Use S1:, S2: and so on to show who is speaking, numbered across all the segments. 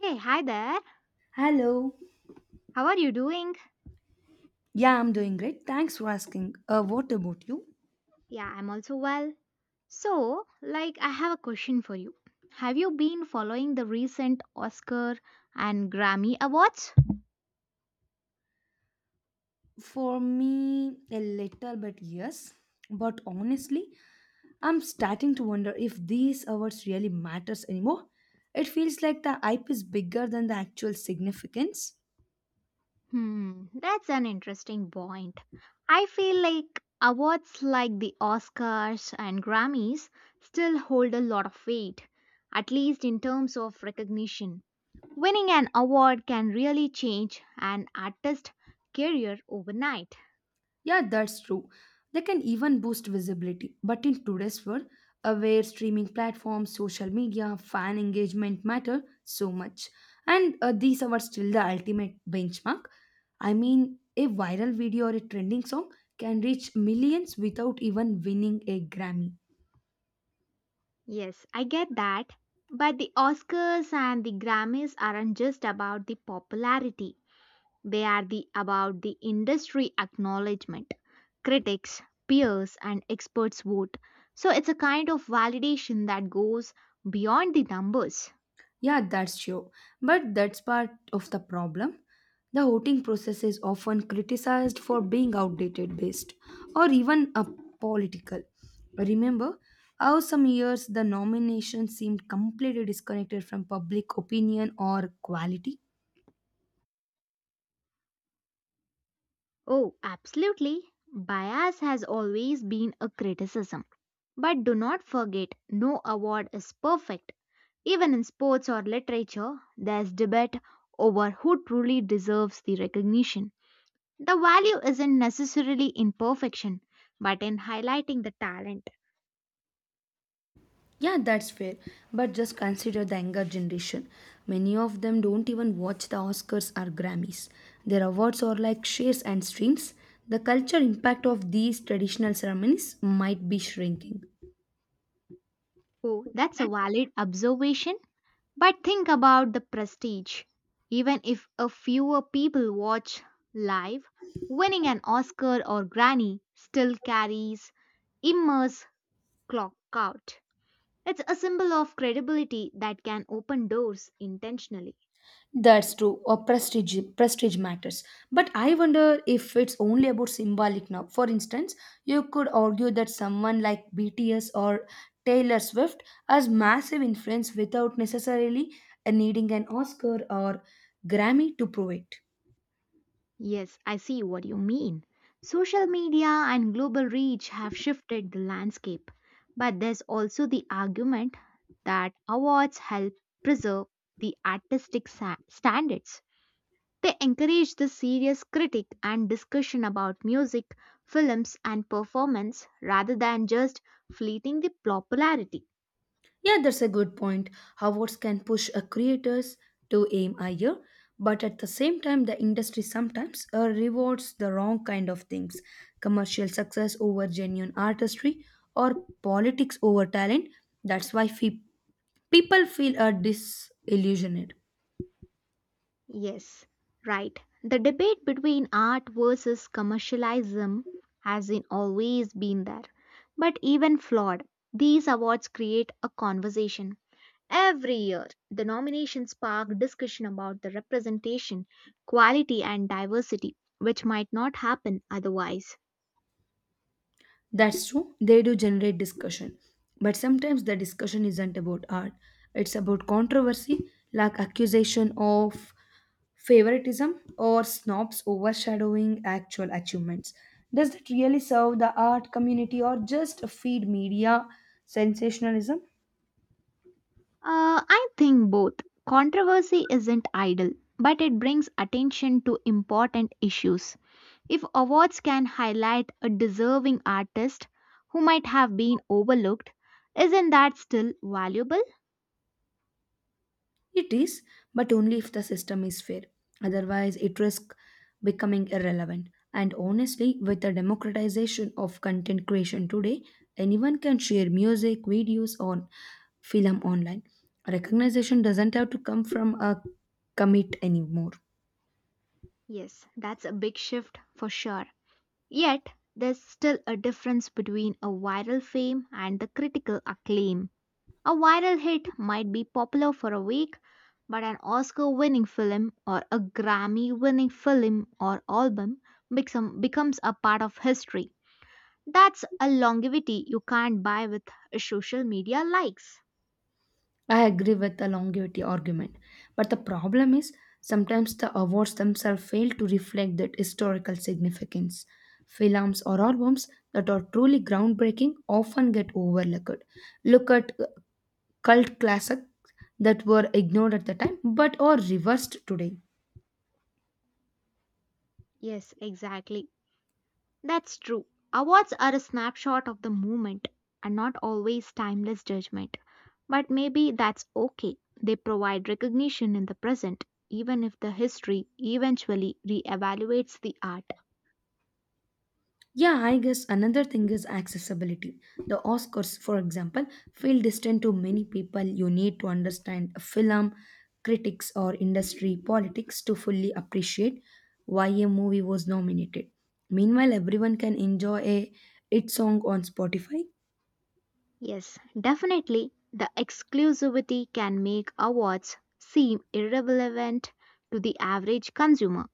S1: Hey, hi there.
S2: Hello.
S1: How are you doing?
S2: Yeah, I'm doing great. Thanks for asking. What about you?
S1: Yeah, I'm also well. So, like, I have a question for you. Have you been following the recent Oscar and Grammy awards?
S2: For me, a little bit, yes. But honestly, I'm starting to wonder if these awards really matters anymore. It feels like the hype is bigger than the actual significance.
S1: Hmm, that's an interesting point. I feel like awards like the Oscars and Grammys still hold a lot of weight, at least in terms of recognition. Winning an award can really change an artist's career overnight.
S2: Yeah, that's true. They can even boost visibility. But in today's world, where streaming platforms, social media, fan engagement matter so much, and these are still the ultimate benchmark. I mean, a viral video or a trending song can reach millions without even winning a Grammy.
S1: Yes, I get that. But the Oscars and the Grammys aren't just about the popularity. They are the about the industry acknowledgement. Critics, peers and experts vote. So it's a kind of validation that goes beyond the numbers.
S2: Yeah, that's true. But that's part of the problem. The voting process is often criticized for being outdated based or even a political. Remember how some years the nomination seemed completely disconnected from public opinion or quality?
S1: Oh, absolutely. Bias has always been a criticism. But do not forget, no award is perfect. Even in sports or literature, there's debate over who truly deserves the recognition. The value isn't necessarily in perfection, but in highlighting the talent.
S2: Yeah, that's fair. But just consider the younger generation. Many of them don't even watch the Oscars or Grammys. Their awards are like shares and streams. The culture impact of these traditional ceremonies might be shrinking.
S1: Oh, that's a valid observation. But think about the prestige. Even if a fewer people watch live, winning an Oscar or Grammy still carries immense clock out. It's a symbol of credibility that can open doors intentionally.
S2: That's true, or prestige matters. But I wonder if it's only about symbolic now. For instance, you could argue that someone like BTS or Taylor Swift has massive influence without necessarily needing an Oscar or Grammy to prove it.
S1: Yes, I see what you mean. Social media and global reach have shifted the landscape, but there's also the argument that awards help preserve the artistic standards. They encourage the serious critique and discussion about music, films, and performance rather than just fleeting the popularity.
S2: Yeah, that's a good point. Awards can push creators to aim higher, but at the same time, the industry sometimes rewards the wrong kind of things commercial success over genuine artistry or politics over talent. That's why people feel disillusioned.
S1: Yes, right. The debate between art versus commercialism has in always been there, but even flawed. These awards create a conversation. Every year, the nominations spark discussion about the representation, quality, and diversity, which might not happen otherwise.
S2: That's true, they do generate discussion. But sometimes the discussion isn't about art, it's about controversy, like accusation of favoritism or snobs overshadowing actual achievements. Does that really serve the art community or just feed media sensationalism?
S1: I think both. Controversy isn't idle, but it brings attention to important issues. If awards can highlight a deserving artist who might have been overlooked, isn't that still valuable?
S2: It is, but only if the system is fair. Otherwise, it risks becoming irrelevant. And honestly, with the democratization of content creation today, anyone can share music, videos, or film online. Recognition doesn't have to come from a commit anymore.
S1: Yes, that's a big shift for sure. Yet, there's still a difference between a viral fame and the critical acclaim. A viral hit might be popular for a week, but an Oscar winning film or a Grammy winning film or album becomes a part of history. That's a longevity you can't buy with social media likes.
S2: I agree with the longevity argument, but the problem is sometimes the awards themselves fail to reflect that historical significance. Films or albums that are truly groundbreaking often get overlooked. Look at cult classics that were ignored at the time but are reversed today.
S1: Yes, exactly. That's true. Awards are a snapshot of the moment and not always timeless judgment. But maybe that's okay. They provide recognition in the present, even if the history eventually reevaluates the art.
S2: Yeah, I guess another thing is accessibility. The Oscars, for example, feel distant to many people. You need to understand a film, critics, or industry politics to fully appreciate why a movie was nominated. Meanwhile, everyone can enjoy a hit song on Spotify.
S1: Yes, definitely. The exclusivity can make awards seem irrelevant to the average consumer.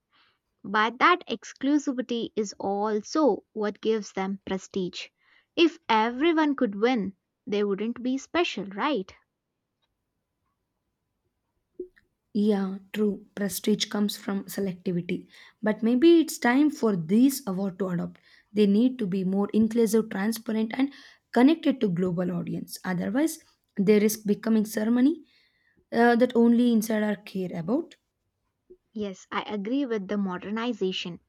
S1: But that exclusivity is also what gives them prestige. If everyone could win, they wouldn't be special, right?
S2: Yeah, true. Prestige comes from selectivity. But maybe it's time for these award to adopt. They need to be more inclusive, transparent, and connected to global audience. Otherwise, they risk becoming ceremony that only insider care about.
S1: Yes, I agree with the modernization.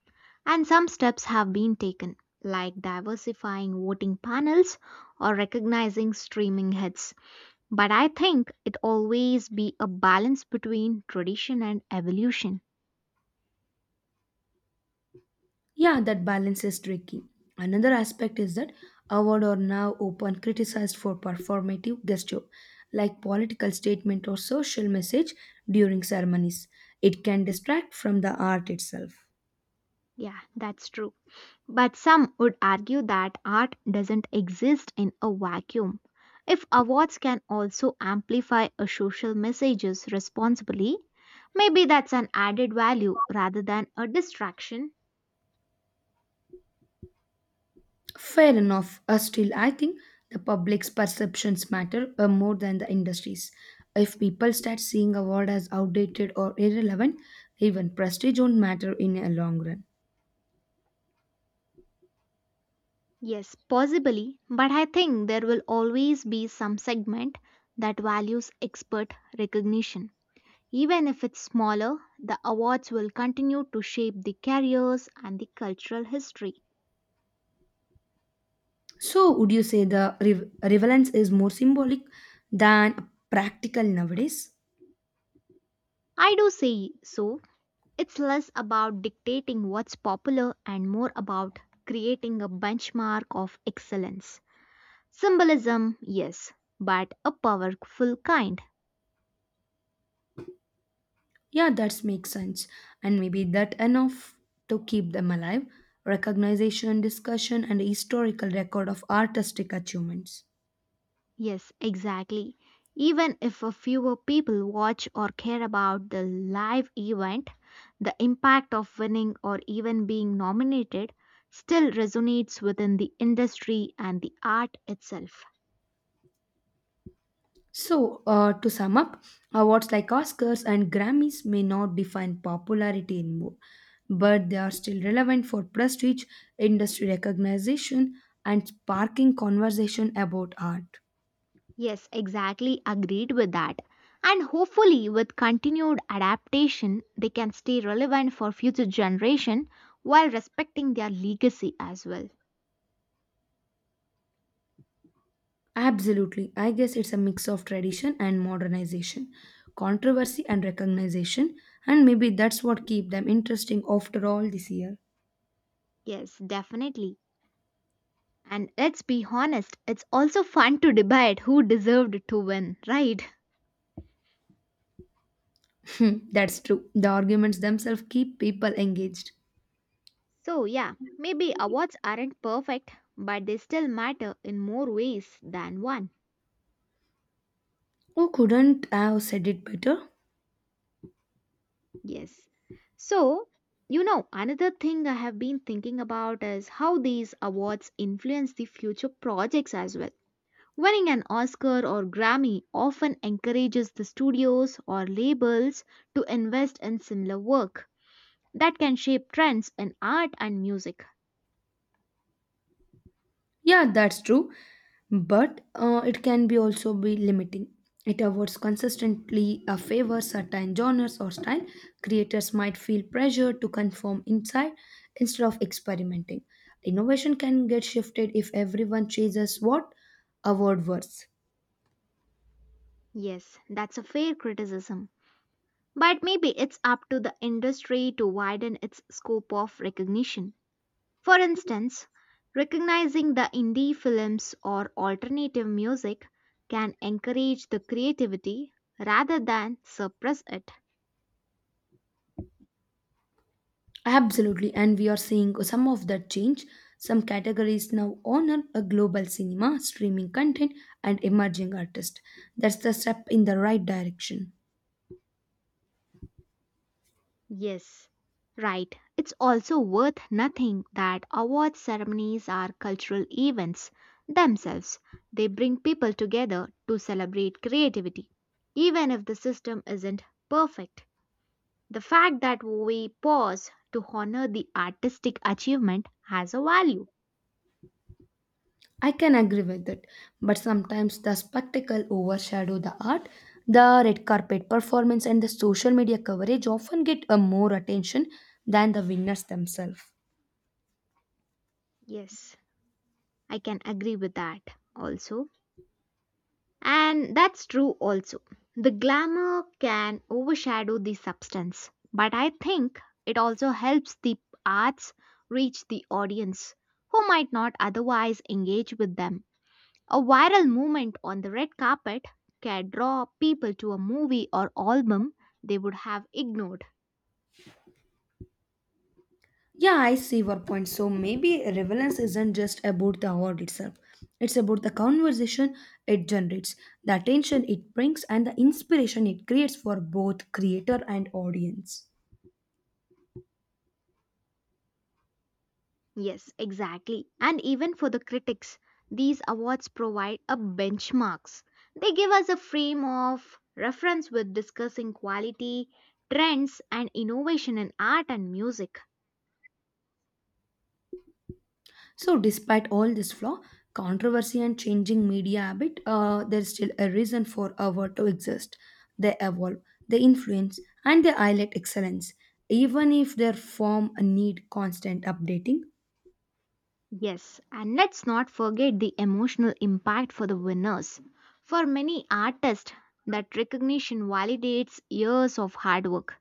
S1: And some steps have been taken, like diversifying voting panels or recognizing streaming hits. But I think it always be a balance between tradition and evolution.
S2: Yeah, that balance is tricky. Another aspect is that award are now open criticized for performative gesture, like political statement or social message during ceremonies. It can distract from the art itself.
S1: Yeah, that's true. But some would argue that art doesn't exist in a vacuum. If awards can also amplify a social messages responsibly, maybe that's an added value rather than a distraction.
S2: Fair enough. Still, I think the public's perceptions matter more than the industries. If people start seeing a word as outdated or irrelevant, even prestige won't matter in a long run.
S1: Yes, possibly, but I think there will always be some segment that values expert recognition. Even if it's smaller, the awards will continue to shape the careers and the cultural history.
S2: So, would you say the relevance is more symbolic than practical nowadays?
S1: I do say so. It's less about dictating what's popular and more about creating a benchmark of excellence. Symbolism, yes, but a powerful kind.
S2: Yeah, that makes sense. And maybe that enough to keep them alive. Recognition, discussion, and historical record of artistic achievements.
S1: Yes, exactly. Even if a fewer people watch or care about the live event, the impact of winning or even being nominated still resonates within the industry and the art itself.
S2: So, to sum up, awards like Oscars and Grammys may not define popularity anymore, but they are still relevant for prestige, industry recognition, and sparking conversation about art.
S1: Yes, exactly. Agreed with that. And hopefully, with continued adaptation, they can stay relevant for future generation while respecting their legacy as well.
S2: Absolutely. I guess it's a mix of tradition and modernization, controversy and recognition, and maybe that's what keep them interesting after all this year.
S1: Yes, definitely. And let's be honest, it's also fun to debate who deserved to win, right?
S2: Hmm, that's true. The arguments themselves keep people engaged.
S1: So, yeah, maybe awards aren't perfect, but they still matter in more ways than one.
S2: Who couldn't have said it better?
S1: Yes. So, you know, another thing I have been thinking about is how these awards influence the future projects as well. Winning an Oscar or Grammy often encourages the studios or labels to invest in similar work that can shape trends in art and music.
S2: Yeah, that's true. But it can be also be limiting. It awards consistently favors certain genres or style. Creators might feel pressure to conform inside instead of experimenting. Innovation can get shifted if everyone chases what award words.
S1: Yes, that's a fair criticism. But maybe it's up to the industry to widen its scope of recognition. For instance, recognizing the indie films or alternative music can encourage the creativity rather than suppress it.
S2: Absolutely, and we are seeing some of that change. Some categories now honor a global cinema, streaming content, and emerging artists. That's the step in the right direction.
S1: Yes, right. It's also worth nothing that award ceremonies are cultural events themselves. They bring people together to celebrate creativity, even if the system isn't perfect. The fact that we pause to honor the artistic achievement has a value.
S2: I can agree with it, but sometimes the spectacle overshadow the art. The red carpet performance and the social media coverage often get a more attention than the winners themselves.
S1: Yes. I can agree with that also. And that's true also. The glamour can overshadow the substance, but I think it also helps the arts reach the audience who might not otherwise engage with them. A viral movement on the red carpet can draw people to a movie or album they would have ignored.
S2: Yeah, I see your point. So maybe relevance isn't just about the award itself. It's about the conversation it generates, the attention it brings, and the inspiration it creates for both creator and audience.
S1: Yes, exactly. And even for the critics, these awards provide a benchmarks. They give us a frame of reference with discussing quality, trends and innovation in art and music.
S2: So, despite all this flaw, controversy, and changing media habit, there's still a reason for a to exist. They evolve, they influence, and they highlight excellence, even if their form need constant updating.
S1: Yes, and let's not forget the emotional impact for the winners. For many artists, that recognition validates years of hard work.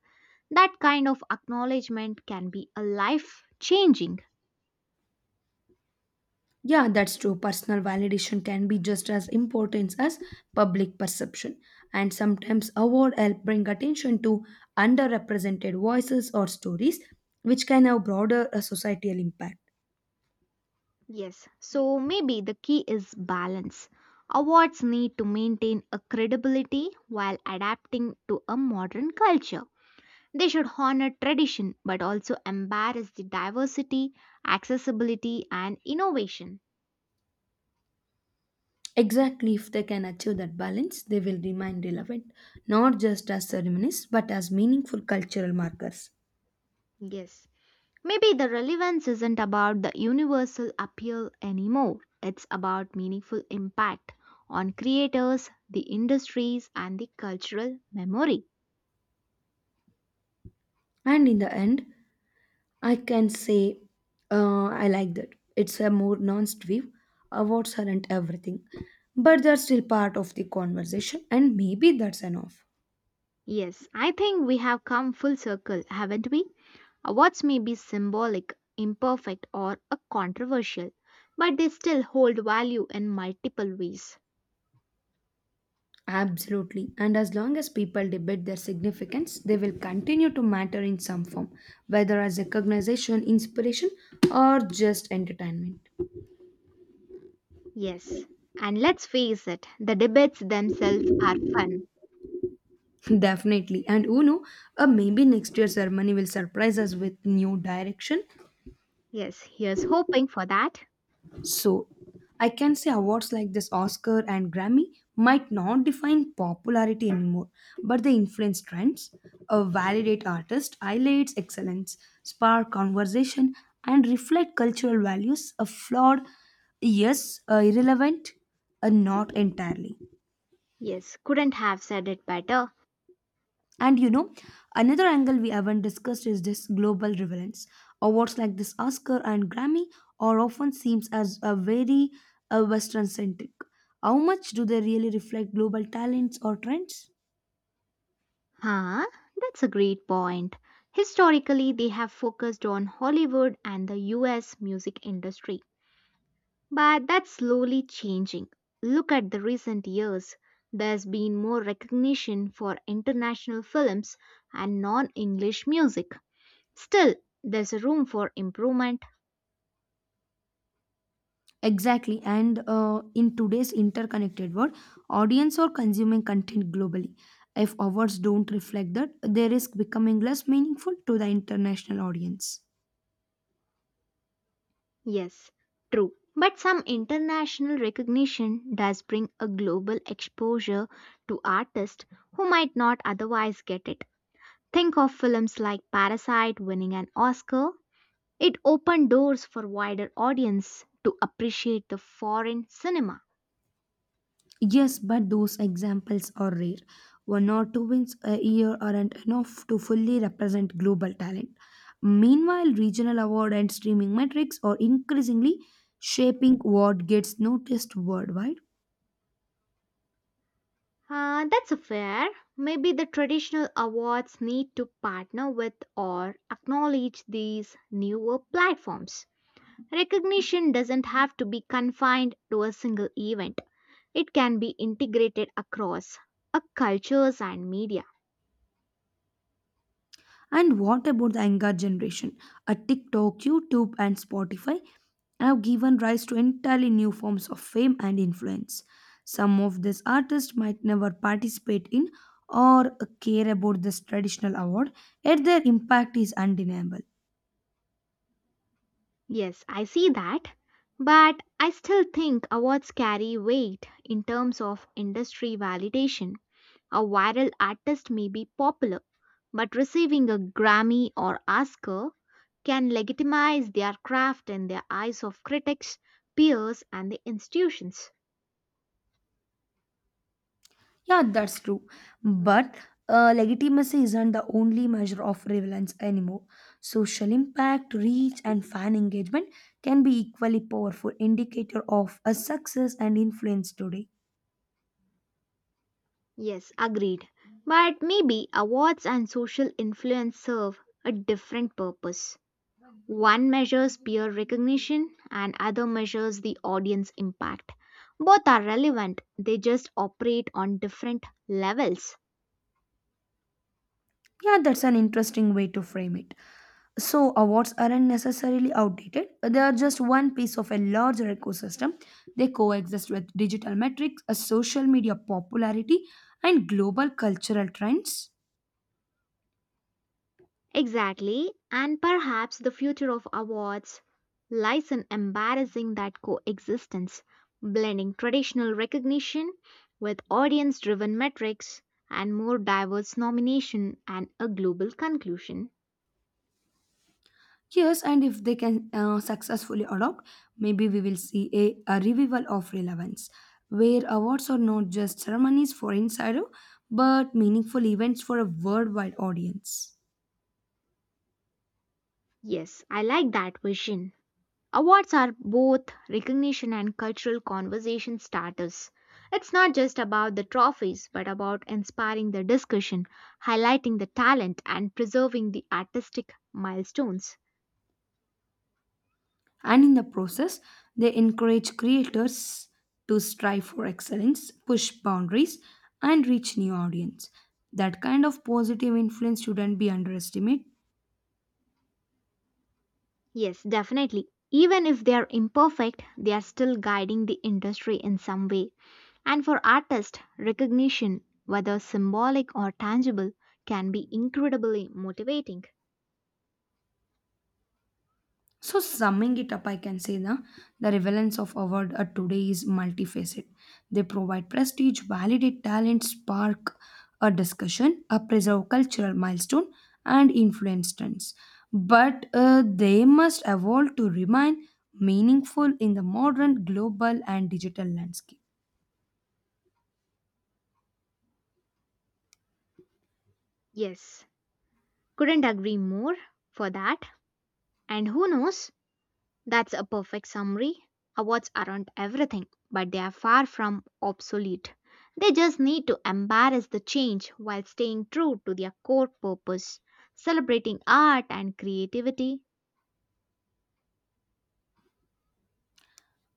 S1: That kind of acknowledgement can be a life changing.
S2: Yeah, that's true. Personal validation can be just as important as public perception, and sometimes award help bring attention to underrepresented voices or stories, which can have broader societal impact.
S1: Yes, so maybe the key is balance. Awards need to maintain a credibility while adapting to a modern culture. They should honor tradition but also embrace the diversity, accessibility, and innovation.
S2: Exactly, if they can achieve that balance, they will remain relevant, not just as ceremonies, but as meaningful cultural markers.
S1: Yes, maybe the relevance isn't about the universal appeal anymore, it's about meaningful impact on creators, the industries, and the cultural memory.
S2: And in the end, I can say I like that. It's a more nuanced view. Awards aren't everything, but they're still part of the conversation, and maybe that's enough.
S1: Yes, I think we have come full circle, haven't we? Awards may be symbolic, imperfect, or a controversial, but they still hold value in multiple ways.
S2: Absolutely. And as long as people debate their significance, they will continue to matter in some form, whether as recognition, inspiration, or just entertainment.
S1: Yes. And let's face it, the debates themselves are fun.
S2: Definitely. And who know, maybe next year's ceremony will surprise us with new direction.
S1: Yes, here's hoping for that.
S2: So I can say awards like this Oscar and Grammy might not define popularity anymore, but they influence trends, validate artists, highlights excellence, spark conversation, and reflect cultural values. A flawed, yes, irrelevant, not entirely.
S1: Yes, couldn't have said it better.
S2: And you know, another angle we haven't discussed is this global relevance. Awards like this Oscar and Grammy are often seems as a very Western centric. How much do they really reflect global talents or trends?
S1: Huh? That's a great point. Historically, they have focused on Hollywood and the US music industry. But that's slowly changing. Look at the recent years. There's been more recognition for international films and non English music. Still, there's room for improvement.
S2: Exactly, and in today's interconnected world, audience are consuming content globally. If awards don't reflect that, they risk becoming less meaningful to the international audience.
S1: Yes, true. But some international recognition does bring a global exposure to artists who might not otherwise get it. Think of films like Parasite winning an Oscar. It opened doors for wider audience to appreciate the foreign cinema.
S2: Yes, but those examples are rare. One or two wins a year aren't enough to fully represent global talent. Meanwhile, regional award and streaming metrics are increasingly shaping what gets noticed worldwide.
S1: That's a fair. Maybe the traditional awards need to partner with or acknowledge these newer platforms. Recognition doesn't have to be confined to a single event, it can be integrated across cultures and media.
S2: And what about the younger generation? A TikTok, YouTube, and Spotify have given rise to entirely new forms of fame and influence. Some of these artists might never participate in or care about this traditional award, yet their impact is undeniable.
S1: Yes, I see that. But I still think awards carry weight in terms of industry validation. A viral artist may be popular, but receiving a Grammy or Oscar can legitimize their craft in the eyes of critics, peers, and the institutions.
S2: Yeah, that's true. But legitimacy isn't the only measure of relevance anymore. Social impact, reach, and fan engagement can be equally powerful indicator of a success and influence today.
S1: Yes, agreed. But maybe awards and social influence serve a different purpose. One measures peer recognition and other measures the audience impact. Both are relevant, they just operate on different levels.
S2: Yeah, that's an interesting way to frame it. So, awards aren't necessarily outdated, they are just one piece of a larger ecosystem. They coexist with digital metrics, a social media popularity, and global cultural trends.
S1: Exactly, and perhaps the future of awards lies in embarrassing that coexistence, blending traditional recognition with audience driven metrics and more diverse nomination and a global conclusion.
S2: Yes, and if they can successfully adopt, maybe we will see a revival of relevance, where awards are not just ceremonies for insider, but meaningful events for a worldwide audience.
S1: Yes, I like that vision. Awards are both recognition and cultural conversation starters. It's not just about the trophies, but about inspiring the discussion, highlighting the talent, and preserving the artistic milestones.
S2: And in the process, they encourage creators to strive for excellence, push boundaries, and reach new audience. That kind of positive influence shouldn't be underestimated.
S1: Yes, definitely. Even if they are imperfect, they are still guiding the industry in some way. And for artists, recognition, whether symbolic or tangible, can be incredibly motivating.
S2: So, summing it up, I can say na, the relevance of award today is multifaceted. They provide prestige, validate talent, spark a discussion, preserve cultural milestone, and influence trends. But they must evolve to remain meaningful in the modern global and digital landscape.
S1: Yes, couldn't agree more for that. And who knows? That's a perfect summary. Awards aren't everything, but they are far from obsolete. They just need to embrace the change while staying true to their core purpose, celebrating art and creativity.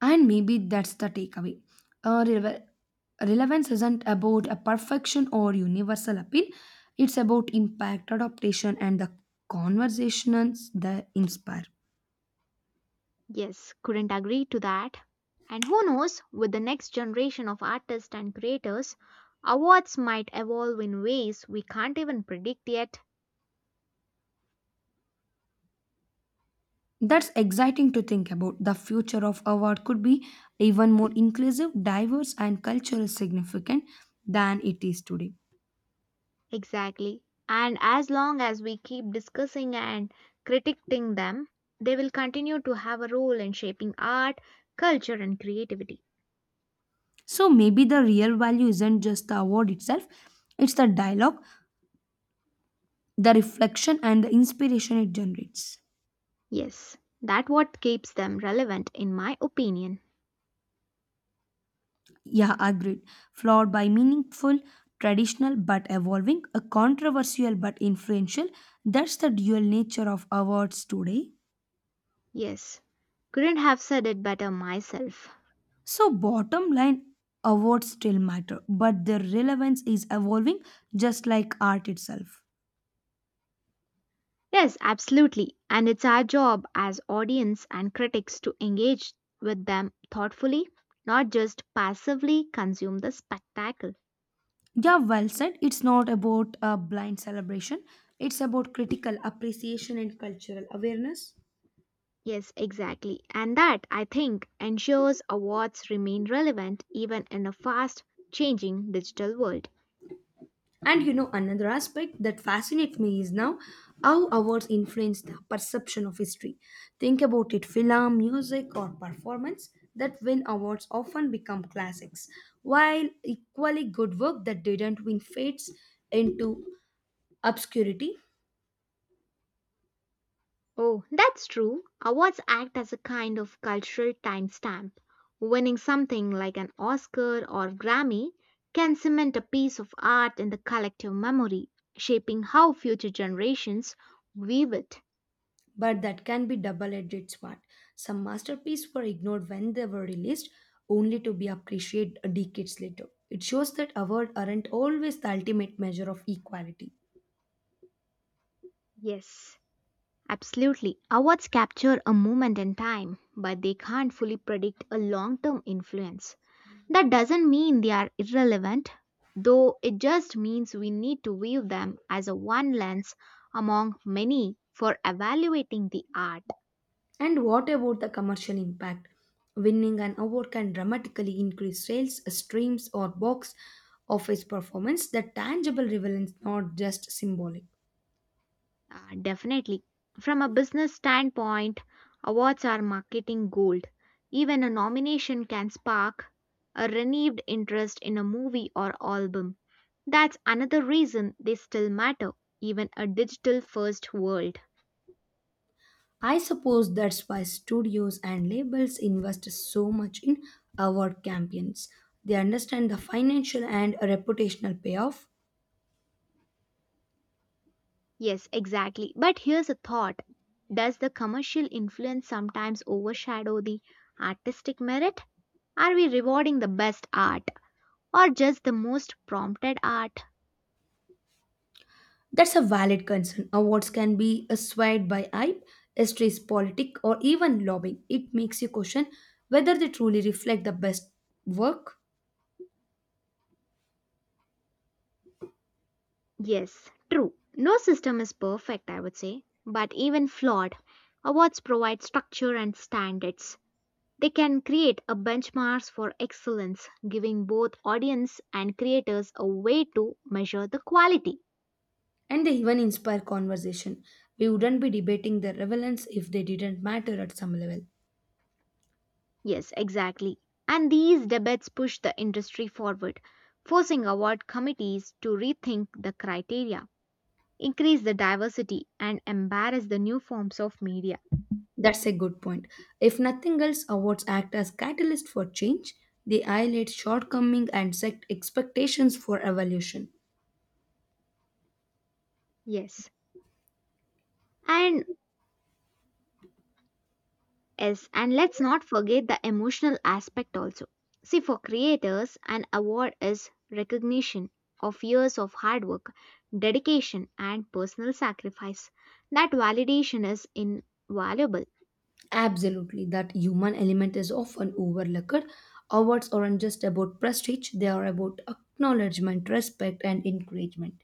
S2: And maybe that's the takeaway. Uh, Relevance isn't about a perfection or universal appeal. It's about impact, adaptation, and the conversations that inspire.
S1: Yes, couldn't agree to that. And who knows, with the next generation of artists and creators, awards might evolve in ways we can't even predict yet.
S2: That's exciting to think about. The future of award could be even more inclusive, diverse, and culturally significant than it is today.
S1: Exactly. And as long as we keep discussing and critiquing them, they will continue to have a role in shaping art, culture, and creativity.
S2: So maybe the real value isn't just the award itself, it's the dialogue, the reflection, and the inspiration it generates.
S1: Yes, that what keeps them relevant, in my opinion.
S2: Yeah, agreed. Flawed by meaningful, traditional but evolving, a controversial but influential. That's the dual nature of awards today.
S1: Yes, couldn't have said it better myself.
S2: So, bottom line, awards still matter, but their relevance is evolving just like art itself.
S1: Yes, absolutely. And it's our job as audience and critics to engage with them thoughtfully, not just passively consume the spectacle.
S2: Yeah, well said. It's not about a blind celebration, it's about critical appreciation and cultural awareness.
S1: Yes, exactly. And that, I think, ensures awards remain relevant even in a fast changing digital world.
S2: And you know, another aspect that fascinates me is now how awards influence the perception of history. Think about it film, music, or performance that win awards often become classics, while equally good work that didn't win fades into obscurity.
S1: Oh, that's true. Awards act as a kind of cultural timestamp. Winning something like an Oscar or Grammy can cement a piece of art in the collective memory, shaping how future generations view it.
S2: But that can be double edged sword. Some masterpieces were ignored when they were released, only to be appreciated decades later. It shows that awards aren't always the ultimate measure of equality.
S1: Yes. Absolutely. Awards capture a moment in time, but they can't fully predict a long term influence. That doesn't mean they are irrelevant, though it just means we need to view them as a one lens among many for evaluating the art.
S2: And what about the commercial impact? Winning an award can dramatically increase sales, streams, or box office performance. The tangible relevance, not just symbolic.
S1: Definitely. From a business standpoint, awards are marketing gold. Even a nomination can spark a renewed interest in a movie or album. That's another reason they still matter, even a digital first world.
S2: I suppose that's why studios and labels invest so much in award campaigns. They understand the financial and reputational payoff.
S1: Yes, exactly. But here's a thought. Does the commercial influence sometimes overshadow the artistic merit? Are we rewarding the best art or just the most prompted art?
S2: That's a valid concern. Awards can be swayed by hype, histories, politics, or even lobbying. It makes you question whether they truly reflect the best work.
S1: Yes, true. No system is perfect, I would say, but even flawed, awards provide structure and standards. They can create a benchmarks for excellence, giving both audience and creators a way to measure the quality.
S2: And they even inspire conversation. We wouldn't be debating their relevance if they didn't matter at some level.
S1: Yes, exactly. And these debates push the industry forward, forcing award committees to rethink the criteria, increase the diversity, and embrace the new forms of media.
S2: That's a good point. If nothing else, awards act as catalyst for change. They highlight shortcoming and set expectations for evolution.
S1: Yes. And Yes, and let's not forget the emotional aspect also. See, for creators, an award is recognition of years of hard work, dedication, and personal sacrifice. That validation is invaluable.
S2: Absolutely, that human element is often overlooked. Awards aren't just about prestige, they are about acknowledgement, respect, and encouragement.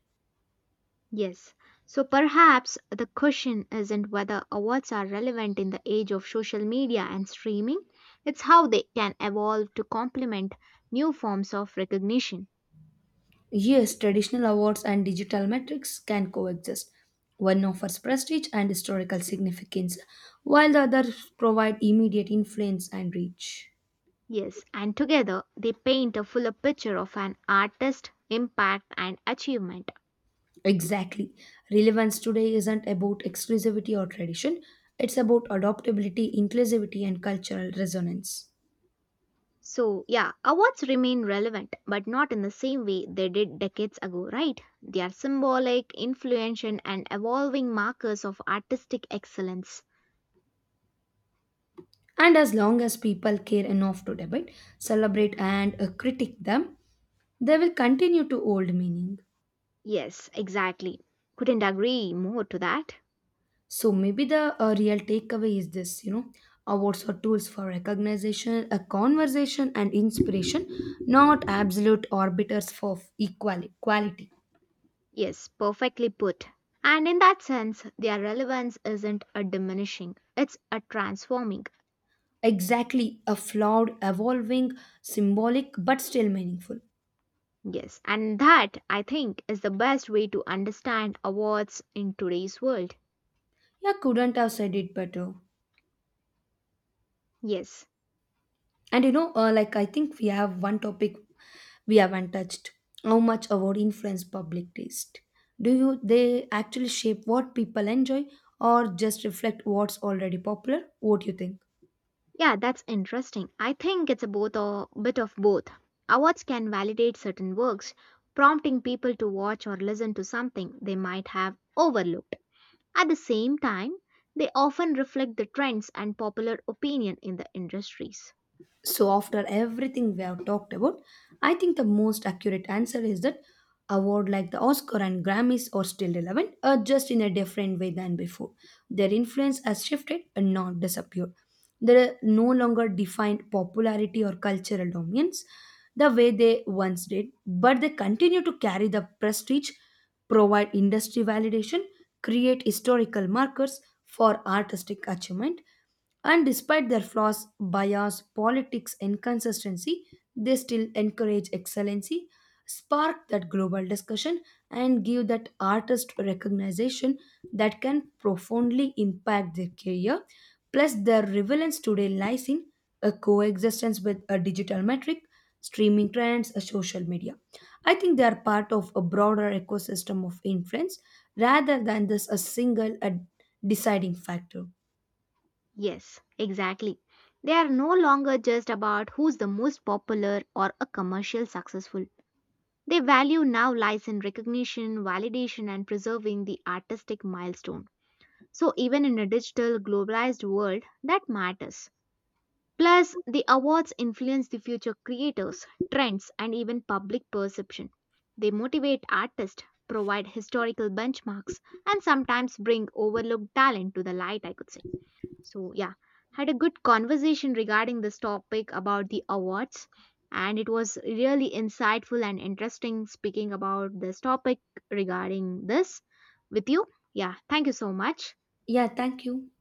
S1: Yes, so perhaps the question isn't whether awards are relevant in the age of social media and streaming, it's how they can evolve to complement new forms of recognition.
S2: Yes, traditional awards and digital metrics can coexist. One offers prestige and historical significance, while the other provide immediate influence and reach.
S1: Yes, and together they paint a fuller picture of an artist, impact, and achievement.
S2: Exactly. Relevance today isn't about exclusivity or tradition, it's about adaptability, inclusivity, and cultural resonance.
S1: So, yeah, awards remain relevant, but not in the same way they did decades ago, right? They are symbolic, influential, and evolving markers of artistic excellence.
S2: And as long as people care enough to debate, celebrate, and critique them, they will continue to hold meaning.
S1: Yes, exactly. Couldn't agree more to that.
S2: So maybe the real takeaway is this, you know, awards are tools for recognition, a conversation, and inspiration, not absolute arbiters for equality. Quality.
S1: Yes, perfectly put. And in that sense, their relevance isn't a diminishing, it's a transforming.
S2: Exactly, a flawed, evolving, symbolic, but still meaningful.
S1: Yes, and that I think is the best way to understand awards in today's world.
S2: Yeah, couldn't have said it better.
S1: Yes.
S2: And you know, like I think we have one topic we haven't touched. How much award influence public taste? Do you they actually shape what people enjoy or just reflect what's already popular? What do you think?
S1: Yeah, that's interesting. I think it's a both or bit of both. Awards can validate certain works, prompting people to watch or listen to something they might have overlooked. At the same time, they often reflect the trends and popular opinion in the industries.
S2: So, after everything we have talked about, I think the most accurate answer is that award like the Oscar and Grammys are still relevant, just in a different way than before. Their influence has shifted and not disappeared. They no longer define popularity or cultural dominance the way they once did, but they continue to carry the prestige, provide industry validation, create historical markers for artistic achievement, and despite their flaws, bias, politics, inconsistency, they still encourage excellency, spark that global discussion, and give that artist recognition that can profoundly impact their career. Plus, their relevance today lies in a coexistence with a digital metric, streaming trends, a social media. I think they are part of a broader ecosystem of influence rather than this a single a deciding factor.
S1: Yes, exactly. They are no longer just about who's the most popular or a commercial successful. Their value now lies in recognition, validation, and preserving the artistic milestone. So, even in a digital, globalized world, that matters. Plus, the awards influence the future creators, trends, and even public perception. They motivate artists, provide historical benchmarks, and sometimes bring overlooked talent to the light, I could say. So, yeah, had a good conversation regarding this topic about the awards, and it was really insightful and interesting speaking about this topic regarding this with you. Yeah, thank you so much.
S2: Yeah, thank you.